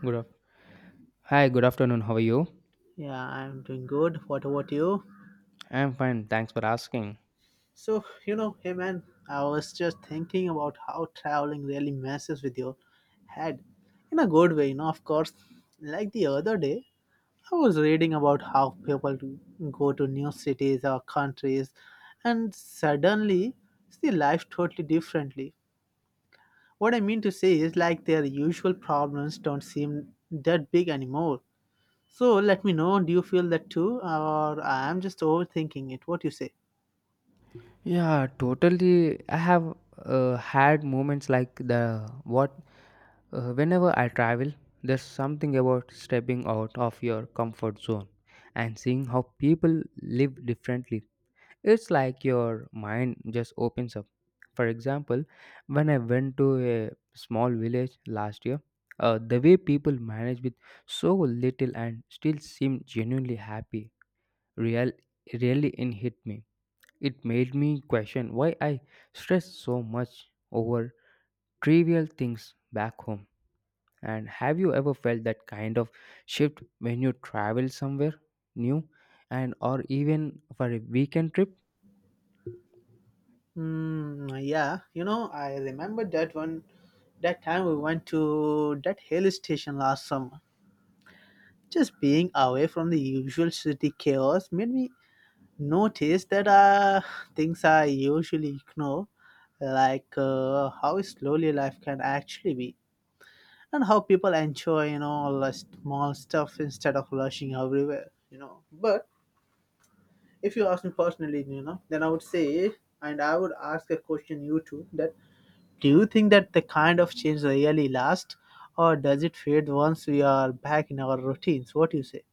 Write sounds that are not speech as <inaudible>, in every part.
Good af- Hi, good afternoon. How are you? Yeah, I'm doing good. What about you? I'm fine. Thanks for asking. So, you know, hey man, I was just thinking about how traveling really messes with your head in a good way, you know, of course. Like the other day, I was reading about how people do- go to new cities or countries and suddenly see life totally differently. What I mean to say is like their usual problems don't seem that big anymore. So let me know, do you feel that too? Or I'm just overthinking it. What you say? Yeah, totally. I have had moments like the what whenever I travel, there's something about stepping out of your comfort zone and seeing how people live differently. It's like your mind just opens up. For example, when I went to a small village last year, the way people managed with so little and still seemed genuinely happy real really in hit me. It made me question why I stress so much over trivial things back home. And have you ever felt that kind of shift when you travel somewhere new and or even for a weekend trip? Mm, yeah, you know, I remember that time we went to that hill station last summer. Just being away from the usual city chaos made me notice that things I usually ignore, like how slowly life can actually be, and how people enjoy, you know, all the small stuff instead of rushing everywhere, you know. But if you ask me personally, you know, then I would say, and I would ask a question you too that do you think that the kind of change really lasts, or does it fade once we are back in our routines? What do you say?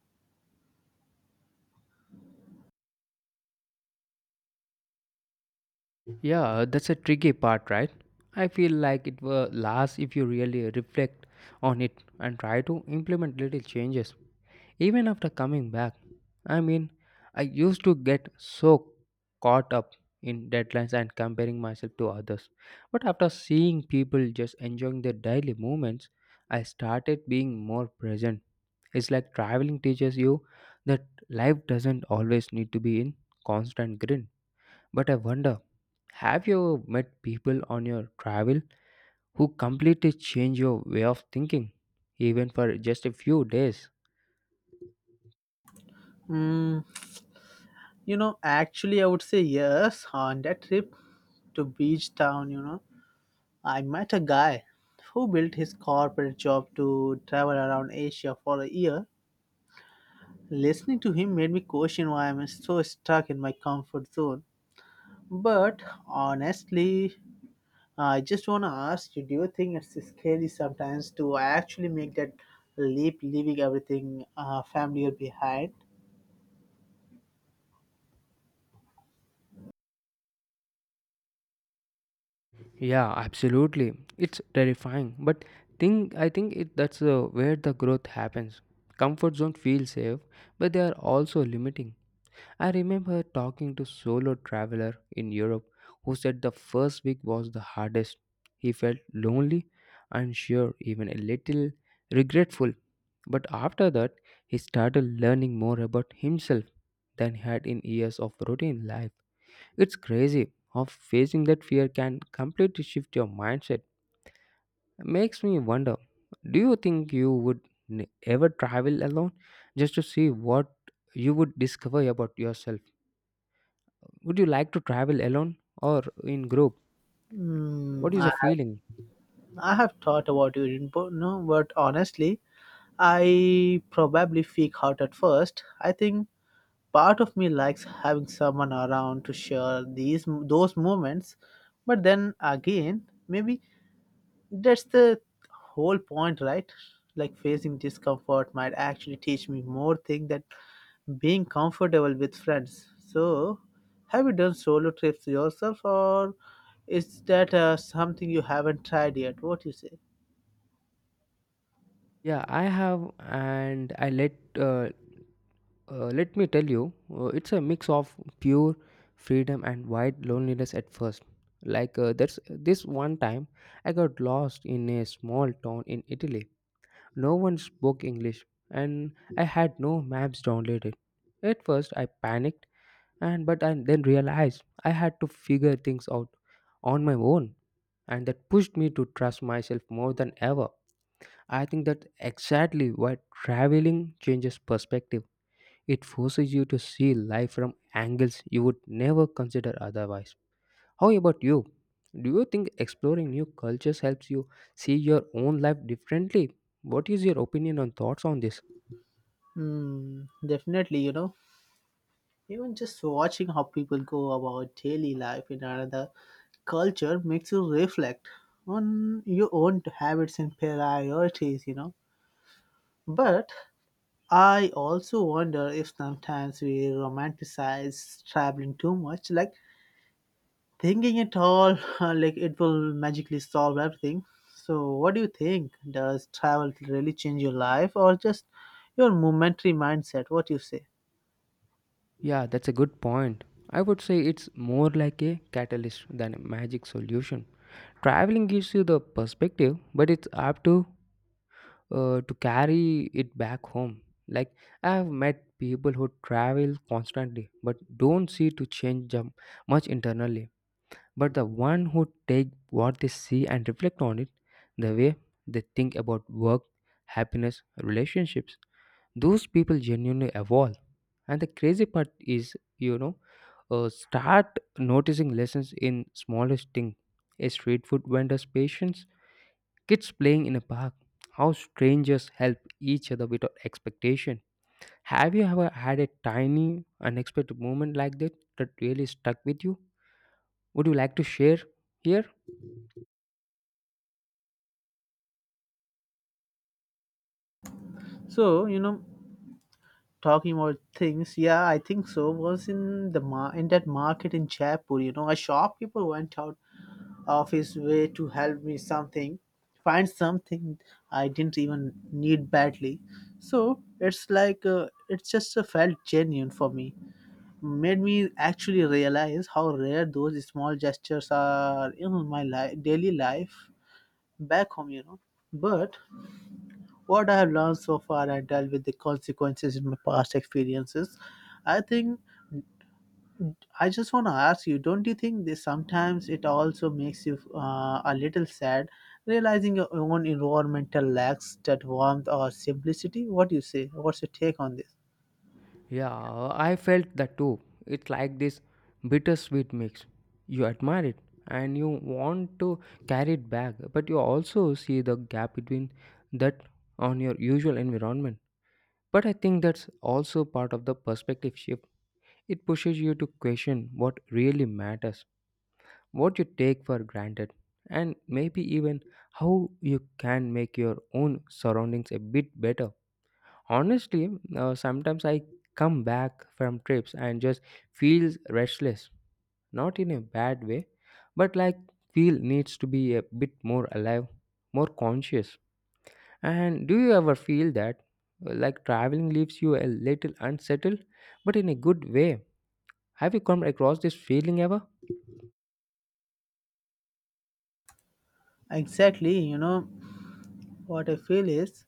Yeah, that's a tricky part, right? I feel like it will last if you really reflect on it and try to implement little changes. Even after coming back, I mean, I used to get so caught up in deadlines and comparing myself to others. But after seeing people just enjoying their daily moments, I started being more present. It's like traveling teaches you that life doesn't always need to be in constant grin. But I wonder, have you met people on your travel who completely change your way of thinking, even for just a few days? Mm, you know, actually, I would say yes. On that trip to beach town, you know, I met a guy who built his corporate job to travel around Asia for a year. Listening to him made me question why I'm so stuck in my comfort zone. But honestly, I just want to ask you, do you think it's scary sometimes to actually make that leap, leaving everything familiar behind? Yeah, absolutely. It's terrifying, but think I think it that's where the growth happens. Comfort zone feels safe, but they are also limiting. I remember talking to solo traveler in Europe who said the first week was the hardest. He felt lonely, unsure, even a little regretful. But after that, he started learning more about himself than he had in years of routine life. It's crazy how facing that fear can completely shift your mindset. Makes me wonder, do you think you would n- ever travel alone just to see what you would discover about yourself? Would you like to travel alone or in group? What Mm, is the feeling? I have thought about your input, no, but honestly, I probably freak out at first. I think part of me likes having someone around to share these those moments, but then again, maybe that's the whole point, right? Like facing discomfort might actually teach me more things that being comfortable with friends. So, have you done solo trips yourself, or is that something you haven't tried yet? What you say? Yeah, I have, and I let uh, let me tell you, it's a mix of pure freedom and wide loneliness at first. Like that's This one time, I got lost in a small town in Italy. No one spoke English and I had no maps downloaded. At first I panicked and but I then realized I had to figure things out on my own, and that pushed me to trust myself more than ever. I think that's exactly why traveling changes perspective. It forces you to see life from angles you would never consider otherwise. How about you? Do you think exploring new cultures helps you see your own life differently? What is your opinion and thoughts on this? Hmm, definitely, you know, even just watching how people go about daily life in another culture makes you reflect on your own habits and priorities, you know. But I also wonder if sometimes we romanticize traveling too much, like thinking it all <laughs> like it will magically solve everything. So, what do you think? Does travel really change your life or just your momentary mindset? What you say? Yeah, that's a good point. I would say it's more like a catalyst than a magic solution. Traveling gives you the perspective, but it's up to carry it back home. Like I have met people who travel constantly but don't see to change much internally, but the one who take what they see and reflect on it, the way they think about work, happiness, relationships, those people genuinely evolve. And the crazy part is, start noticing lessons in smallest thing: a street food vendor's patience, kids playing in a park, how strangers help each other without expectation. Have you ever had a tiny, unexpected moment like that really stuck with you? Would you like to share here? So, you know, talking about things, yeah, I think so. Was in the in that market in Jaipur, you know, a shopkeeper went out of his way to help me something, find something I didn't even need badly. So it's like it just felt genuine for me made me actually realize how rare those small gestures are in my life, daily life back home, you know. But what I have learned so far and dealt with the consequences in my past experiences, I think I just want to ask you, don't you think this sometimes it also makes you a little sad realizing your own environmental lacks that warmth or simplicity? What do you say? What's your take on this? Yeah, I felt that too. It's like this bittersweet mix. You admire it and you want to carry it back, but you also see the gap between that on your usual environment. But I think that's also part of the perspective shift. It pushes you to question what really matters, what you take for granted, and maybe even how you can make your own surroundings a bit better. Honestly, sometimes I come back from trips and just feels restless. Not in a bad way, but like feel needs to be a bit more alive, more conscious. And do you ever feel that like traveling leaves you a little unsettled, but in a good way? Have you come across this feeling ever? Exactly, you know, what I feel is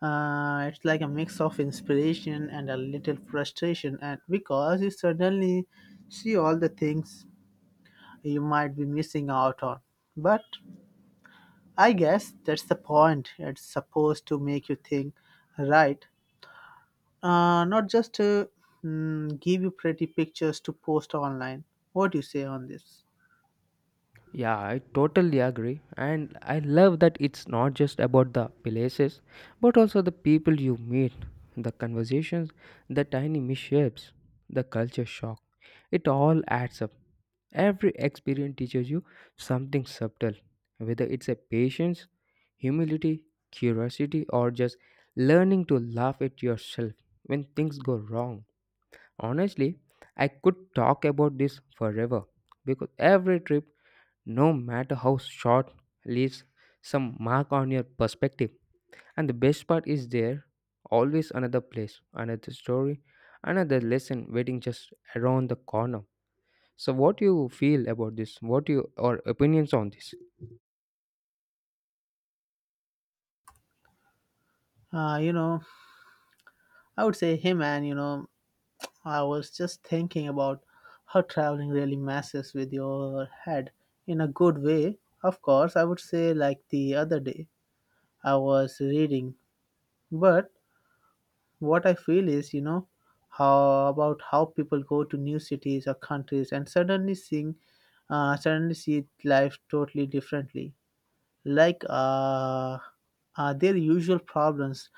It's like a mix of inspiration and a little frustration, and because you suddenly see all the things you might be missing out on. But I guess that's the point. It's supposed to make you think, right? Not just to give you pretty pictures to post online. What do you say on this? Yeah, I totally agree. And I love that it's not just about the places, but also the people you meet, the conversations, the tiny mishaps, the culture shock. It all adds up. Every experience teaches you something subtle, whether it's a patience, humility, curiosity, or just learning to laugh at yourself when things go wrong. Honestly, I could talk about this forever because every trip, no matter how short, leaves some mark on your perspective. And the best part is there always another place, another story, another lesson waiting just around the corner. So what you feel about this? What you or opinions on this? You know, I would say, hey man, you know, I was just thinking about how traveling really messes with your head in a good way. Of course, I would say like the other day I was reading, but what I feel is, you know, how about how people go to new cities or countries and suddenly see life totally differently. Like, uh, their usual problems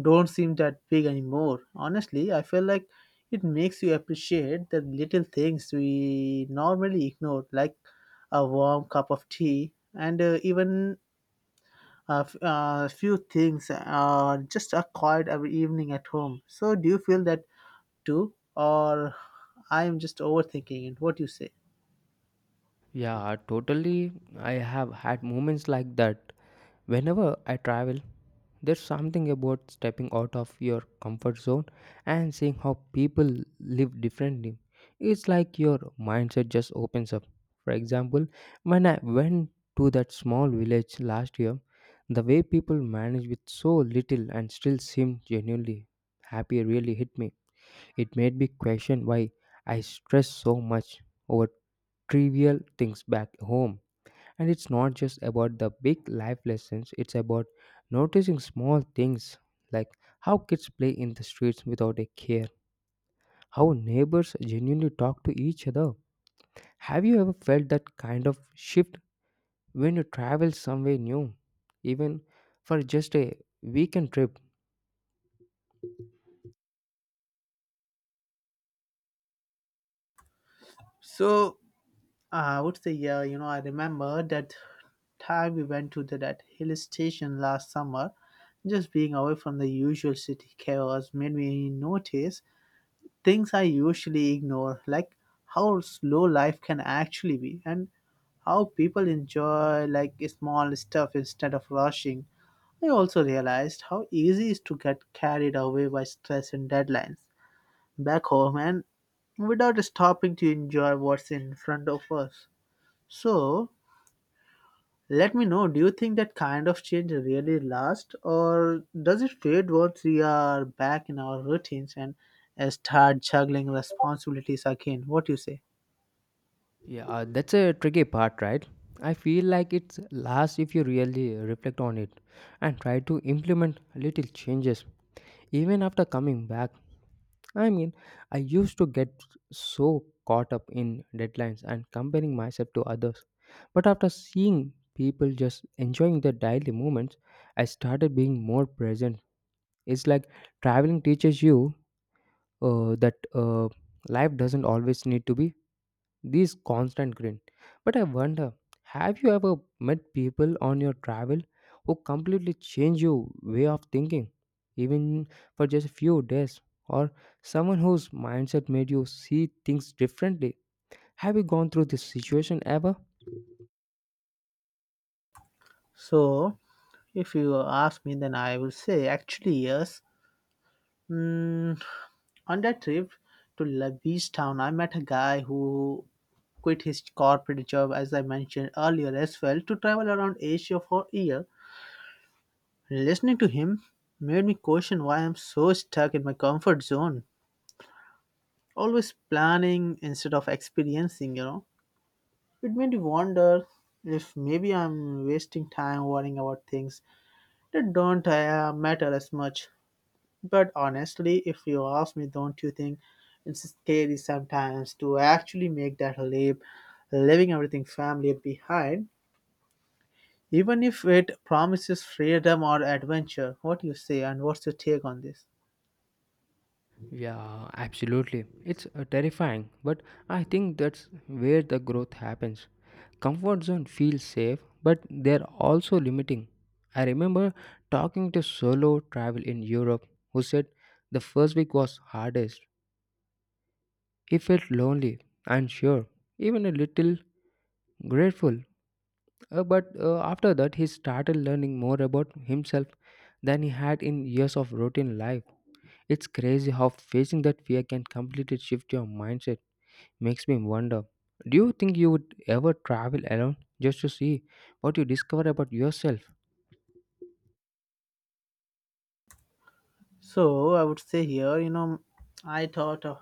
don't seem that big anymore. Honestly, I feel like it makes you appreciate the little things we normally ignore, like a warm cup of tea and even few things, just a quiet every evening at home. So, do you feel that too, or I am just overthinking it? What do you say? Yeah, totally. I have had moments like that. Whenever I travel, there's something about stepping out of your comfort zone and seeing how people live differently. It's like your mindset just opens up. For example, when I went to that small village last year, the way people managed with so little and still seemed genuinely happy really hit me. It made me question why I stress so much over trivial things back home, and it's not just about the big life lessons, it's about noticing small things like how kids play in the streets without a care, how neighbors genuinely talk to each other. Have you ever felt that kind of shift when you travel somewhere new, even for just a weekend trip? So I would say, yeah, you know, I remember that time we went to that hill station last summer. Just being away from the usual city chaos made me notice things I usually ignore, like how slow life can actually be and how people enjoy like small stuff instead of rushing. I also realized how easy it is to get carried away by stress and deadlines back home and without stopping to enjoy what's in front of us. So, let me know, do you think that kind of change really lasts, or does it fade once we are back in our routines and start juggling responsibilities again? What do you say? Yeah, that's a tricky part, right? I feel like it's lasts if you really reflect on it and try to implement little changes even after coming back. I mean, I used to get so caught up in deadlines and comparing myself to others. But after seeing people just enjoying their daily moments, I started being more present. It's like traveling teaches you that life doesn't always need to be this constant grin. But I wonder, have you ever met people on your travel who completely change your way of thinking, even for just a few days? Or someone whose mindset made you see things differently? Have you gone through this situation ever? So, if you ask me, then I will say actually yes. Mm, on that trip to La Beach Town, I met a guy who quit his corporate job, as I mentioned earlier as well, to travel around Asia for a year. Listening to him made me question why I'm so stuck in my comfort zone, always planning instead of experiencing, you know. It made me wonder if maybe I'm wasting time worrying about things that don't matter as much. But honestly, if you ask me, don't you think it's scary sometimes to actually make that leap, leaving everything family behind, even if it promises freedom or adventure? What do you say, and what's your take on this? Yeah, absolutely. It's terrifying, but I think that's where the growth happens. Comfort zone feels safe, but they're also limiting. I remember talking to solo travel in Europe who said the first week was hardest. He felt lonely, unsure, even a little grateful. But after that, he started learning more about himself than he had in years of routine life. It's crazy how facing that fear can completely shift your mindset. Makes me wonder, do you think you would ever travel alone just to see what you discover about yourself? So I would say here, you know, i thought uh,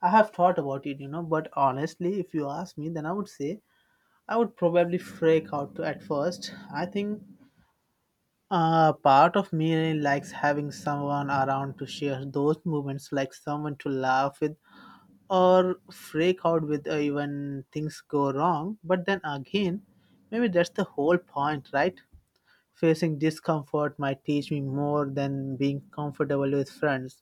I have thought about it, you know, but honestly, if you ask me, then I would say I would probably freak out at first. I think part of me really likes having someone around to share those moments, like someone to laugh with or freak out with even things go wrong. But then again, maybe that's the whole point, right? Facing discomfort might teach me more than being comfortable with friends.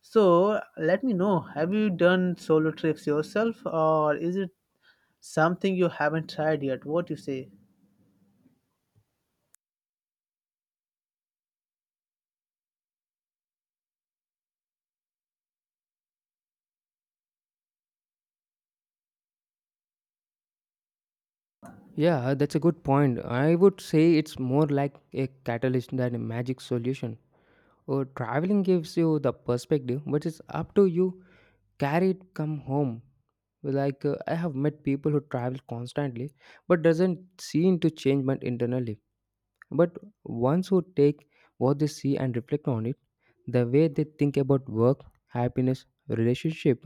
So let me know, have you done solo trips yourself, or is it something you haven't tried yet? What you say? Yeah, that's a good point. I would say it's more like a catalyst than a magic solution. Or traveling gives you the perspective, but it's up to you carry it come home. Like I have met people who travel constantly but doesn't seem to change much internally, but ones who take what they see and reflect on it, the way they think about work, happiness, relationship,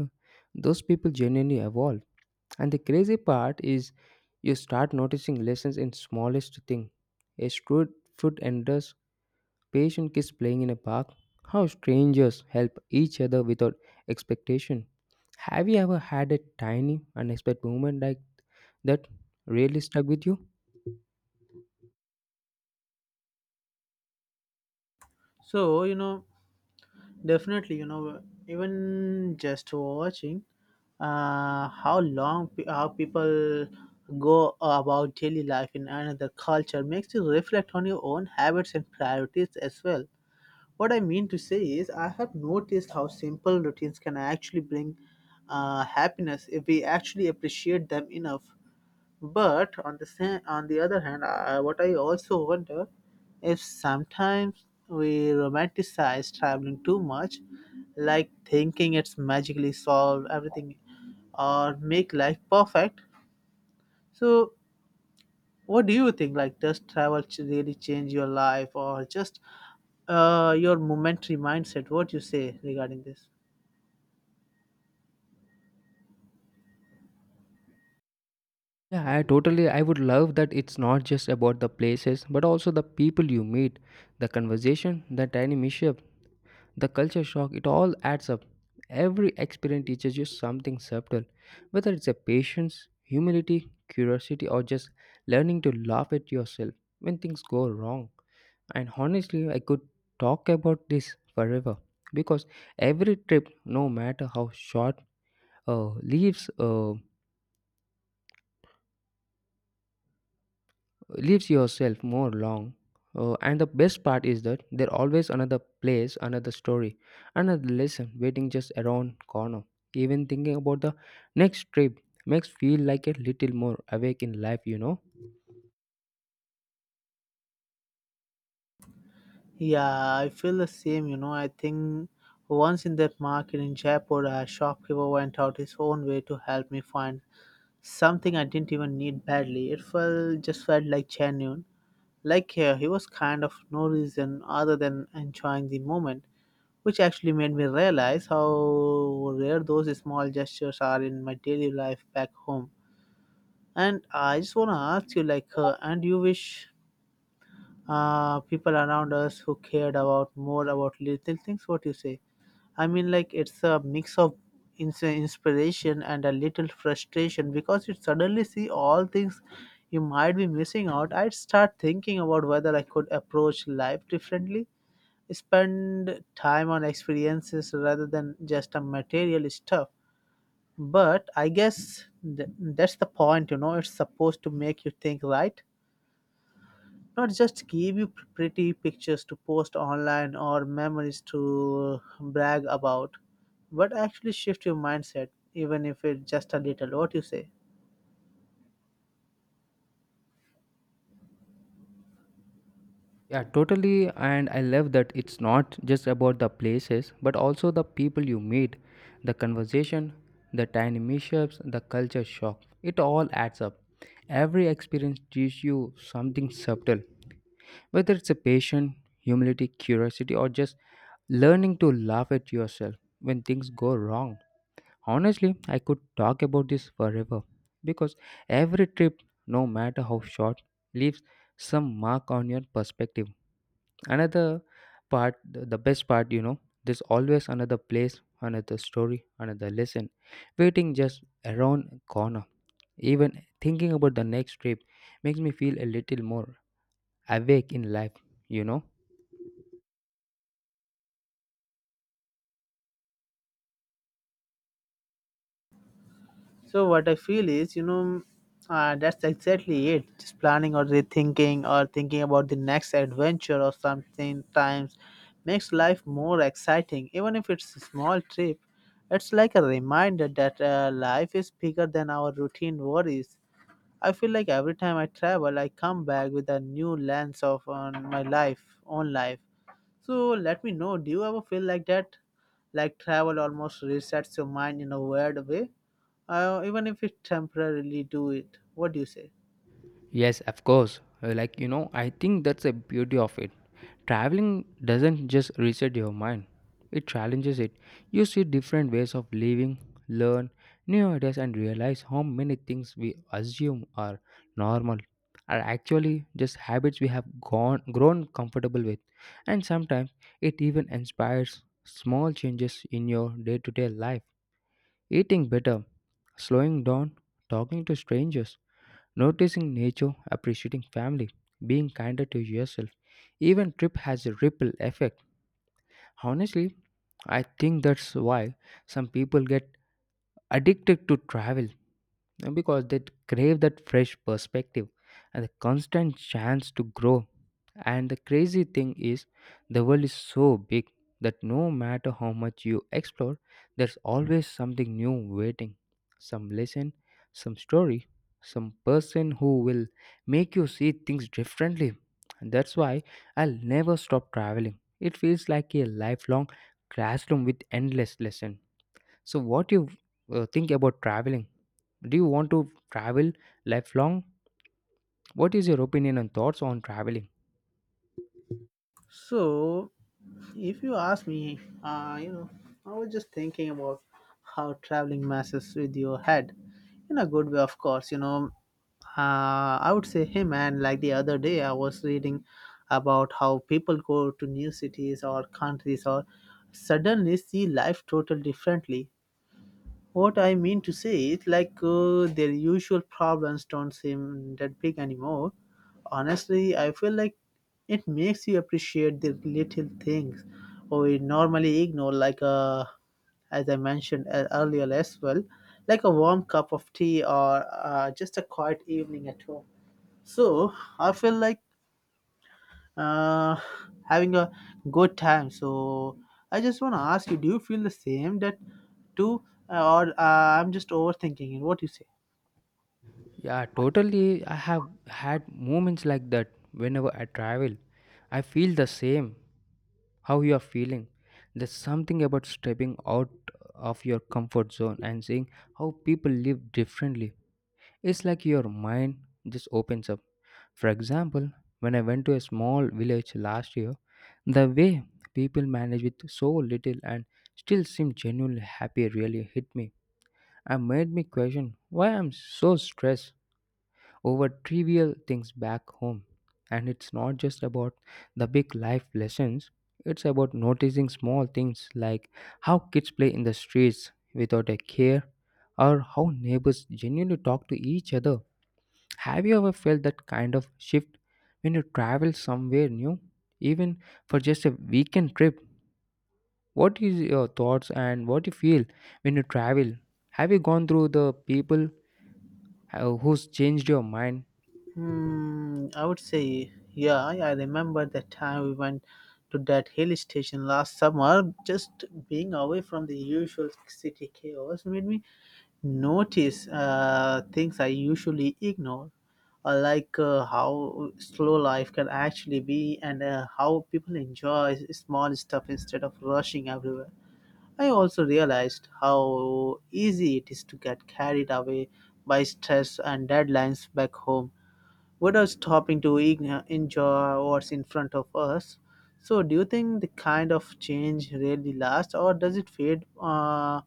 those people genuinely evolve. And the crazy part is, you start noticing lessons in smallest thing, a straight foot enders. Patient kids playing in a park. How strangers help each other without expectation. Have you ever had a tiny, unexpected moment like that really stuck with you? So you know, definitely, you know, even just watching how people go about daily life in another culture makes you reflect on your own habits and priorities as well. What I mean to say is I have noticed how simple routines can actually bring happiness if we actually appreciate them enough. But on the same, on the other hand, what I also wonder if sometimes we romanticize traveling too much, like thinking it's magically solved everything or make life perfect. So, what do you think? Like, does really change your life or just your momentary mindset? What you say regarding this? Yeah, I totally. I would love that it's not just about the places, but also the people you meet, the conversation, the tiny mischief, the culture shock. It all adds up. Every experience teaches you something subtle, whether it's a patience, humility, curiosity, or just learning to laugh at yourself when things go wrong. And honestly, I could talk about this forever because every trip, no matter how short, uh, leaves uh, leaves yourself more long. And the best part is that there always another place, another story, another lesson waiting just around corner. Even thinking about the next trip makes feel like a little more awake in life, you know. Yeah, I feel the same. You know, I think once in that market in Jaipur, a shopkeeper went out his own way to help me find something I didn't even need badly. It felt just felt like genuine. Like here, he was kind of no reason other than enjoying the moment, which actually made me realize how rare those small gestures are in my daily life back home. And I just wanna ask you, like, and you wish people around us who cared about more about little things. What you say? I mean, like it's a mix of inspiration and a little frustration because you suddenly see all things you might be missing out. I'd start thinking about whether I could approach life differently, spend time on experiences rather than just on material stuff. But I guess that's the point, you know. It's supposed to make you think, right? Not just give you pretty pictures to post online or memories to brag about, but actually shift your mindset, even if it's just a little. What you say? Yeah, totally. And I love that it's not just about the places, but also the people you meet, the conversation, the tiny mishaps, the culture shock. It all adds up. Every experience teaches you something subtle, whether it's a patient, humility, curiosity, or just learning to laugh at yourself when things go wrong. Honestly, I could talk about this forever because every trip, no matter how short, leaves some mark on your perspective. Another part, the best part, you know, there's always another place, another story, another lesson waiting just around corner. Even thinking about the next trip makes me feel a little more awake in life, you know. So what I feel is, you know, that's exactly it. Just planning or rethinking or thinking about the next adventure or something times makes life more exciting, even if it's a small trip. It's like a reminder that life is bigger than our routine worries. I feel like every time I travel, I come back with a new lens of on my life, own life. So let me know, do you ever feel like that? Like travel almost resets your mind in a weird way, even if it temporarily do it. What do you say? Yes, of course. Like, you know, I think that's the beauty of it. Traveling doesn't just reset your mind, it challenges it. You see different ways of living, learn new ideas, and realize how many things we assume are normal are actually just habits we have grown comfortable with. And sometimes it even inspires small changes in your day to day life. Eating better, slowing down, talking to strangers, noticing nature, appreciating family, being kinder to yourself, even trip has a ripple effect. Honestly, I think that's why some people get addicted to travel because they crave that fresh perspective and the constant chance to grow. And the crazy thing is, the world is so big that no matter how much you explore, there's always something new waiting, some lesson, some story, some person who will make you see things differently. And that's why I'll never stop traveling. It feels like a lifelong classroom with endless lessons. So, what you think about traveling? Do you want to travel lifelong? What is your opinion and thoughts on traveling? So if you ask me, you know, I was just thinking about how traveling messes with your head in a good way, of course. You know, I would say him. And like the other day, I was reading about how people go to new cities or countries or suddenly see life totally differently. What I mean to say is like their usual problems don't seem that big anymore. Honestly, I feel like it makes you appreciate the little things we normally ignore, like as I mentioned earlier as well, like a warm cup of tea or just a quiet evening at home. So I feel like uh, having a good time. So I just want to ask you: do you feel the same that too, or I'm just overthinking it? What do you say? Yeah, totally. I have had moments like that whenever I travel. I feel the same. How you are feeling? There's something about stepping out of your comfort zone and seeing how people live differently. It's like your mind just opens up. For example, when I went to a small village last year, the way people manage with so little and still seem genuinely happy really hit me and made me question why I'm so stressed over trivial things back home. And it's not just about the big life lessons, it's about noticing small things like how kids play in the streets without a care or how neighbors genuinely talk to each other. Have you ever felt that kind of shift when you travel somewhere new, even for just a weekend trip? What is your thoughts and what you feel when you travel? Have you gone through the people who's changed your mind? Hmm, I would say yeah. I remember the time we went to that hill station last summer. Just being away from the usual city chaos made me notice things I usually ignore. Like how slow life can actually be and how people enjoy small stuff instead of rushing everywhere. I also realized how easy it is to get carried away by stress and deadlines back home without stopping to enjoy what's in front of us. So, do you think the kind of change really lasts, or does it fade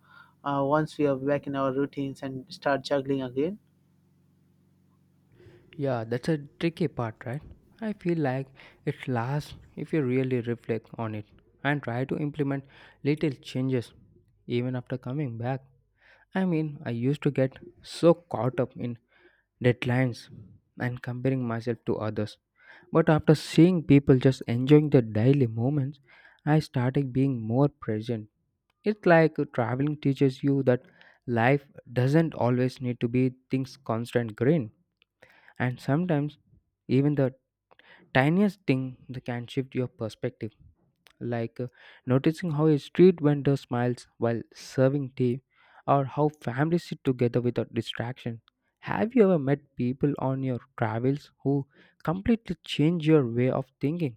once we are back in our routines and start juggling again? Yeah, that's a tricky part, right? I feel like it lasts if you really reflect on it and try to implement little changes even after coming back. I mean, I used to get so caught up in deadlines and comparing myself to others. But after seeing people just enjoying the daily moments, I started being more present. It's like traveling teaches you that life doesn't always need to be things constant green. And sometimes, even the tiniest thing that can shift your perspective, like noticing how a street vendor smiles while serving tea, or how families sit together without distraction. Have you ever met people on your travels who completely change your way of thinking,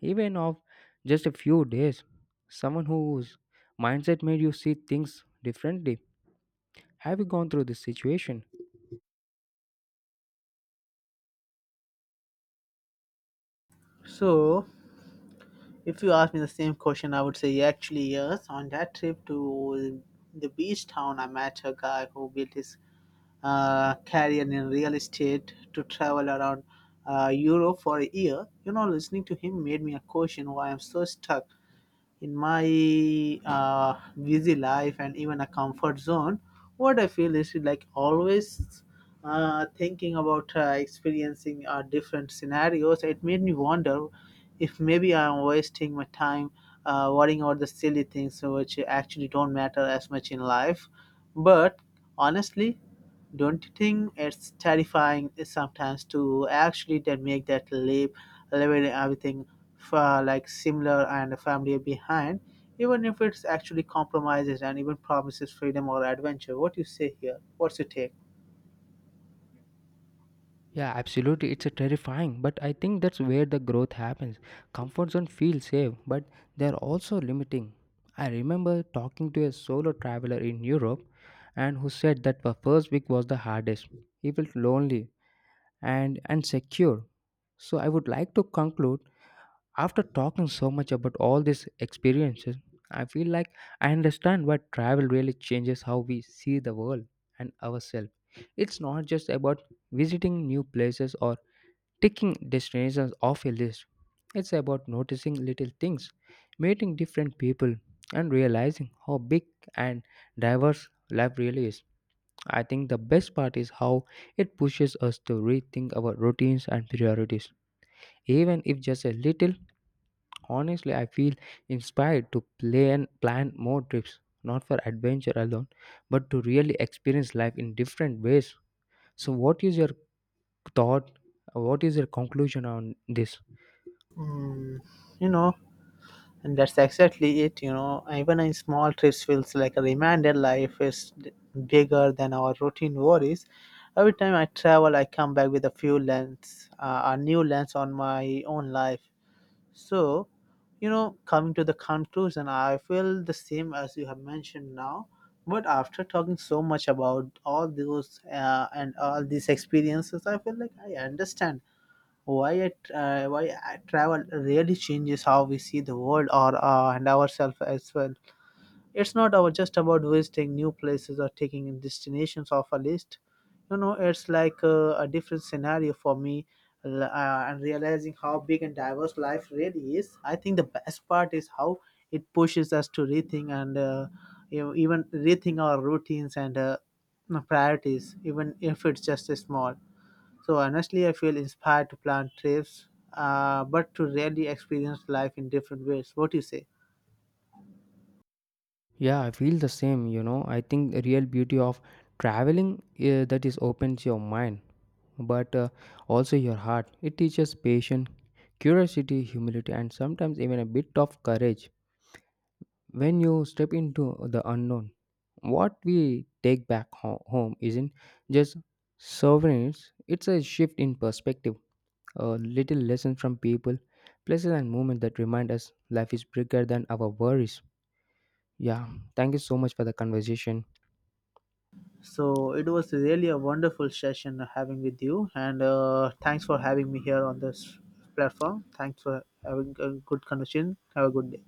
even of just a few days? Someone whose mindset made you see things differently. Have you gone through this situation? So, if you ask me the same question, I would say actually yes. On that trip to the beach town, I met a guy who built his career in real estate to travel around Europe for a year. You know, listening to him made me a question why I'm so stuck in my busy life and even a comfort zone. What I feel is like always thinking about experiencing different scenarios. It made me wonder if maybe I'm wasting my time worrying about the silly things which actually don't matter as much in life. But honestly, don't you think it's terrifying sometimes to actually then make that leap, leaving everything for like similar and family behind, even if it's actually compromises and even promises freedom or adventure? What you say here? What's your take? Yeah, absolutely. It's a terrifying, but I think that's where the growth happens. Comfort zone feels safe, but they're also limiting. I remember talking to a solo traveler in Europe and who said that the first week was the hardest. He felt lonely and insecure. So I would like to conclude, after talking so much about all these experiences, I feel like I understand why travel really changes how we see the world and ourselves. It's not just about visiting new places or taking destinations off a list. It's about noticing little things, meeting different people, and realizing how big and diverse life really is. I think the best part is how it pushes us to rethink our routines and priorities. Even if just a little, honestly, I feel inspired to plan more trips, not for adventure alone, but to really experience life in different ways. So, what is your thought? What is your conclusion on this? Mm, you know, and that's exactly it, you know, even in small trips feels like a reminder life is bigger than our routine worries. Every time I travel, I come back with a few lens, a new lens on my own life. So, you know, coming to the conclusion, I feel the same as you have mentioned now. But after talking so much about all those and all these experiences, I feel like I understand why why travel really changes how we see the world or and ourselves as well. It's not about just about visiting new places or taking in destinations off a list. You know, it's like a different scenario for me and realizing how big and diverse life really is. I think the best part is how it pushes us to rethink and you know, even rethink our routines and priorities, even if it's just a small. So honestly, I feel inspired to plan trips, but to really experience life in different ways. What do you say? Yeah, I feel the same, you know. I think the real beauty of traveling that is opens your mind, but also your heart. It teaches patience, curiosity, humility and sometimes even a bit of courage when you step into the unknown. What we take back home isn't just souvenirs, it's a shift in perspective, a little lesson from people, places and moments that remind us life is bigger than our worries. Yeah, thank you so much for the conversation. So it was really a wonderful session having with you, and thanks for having me here on this platform. Thanks for having a good conversation. Have a good day.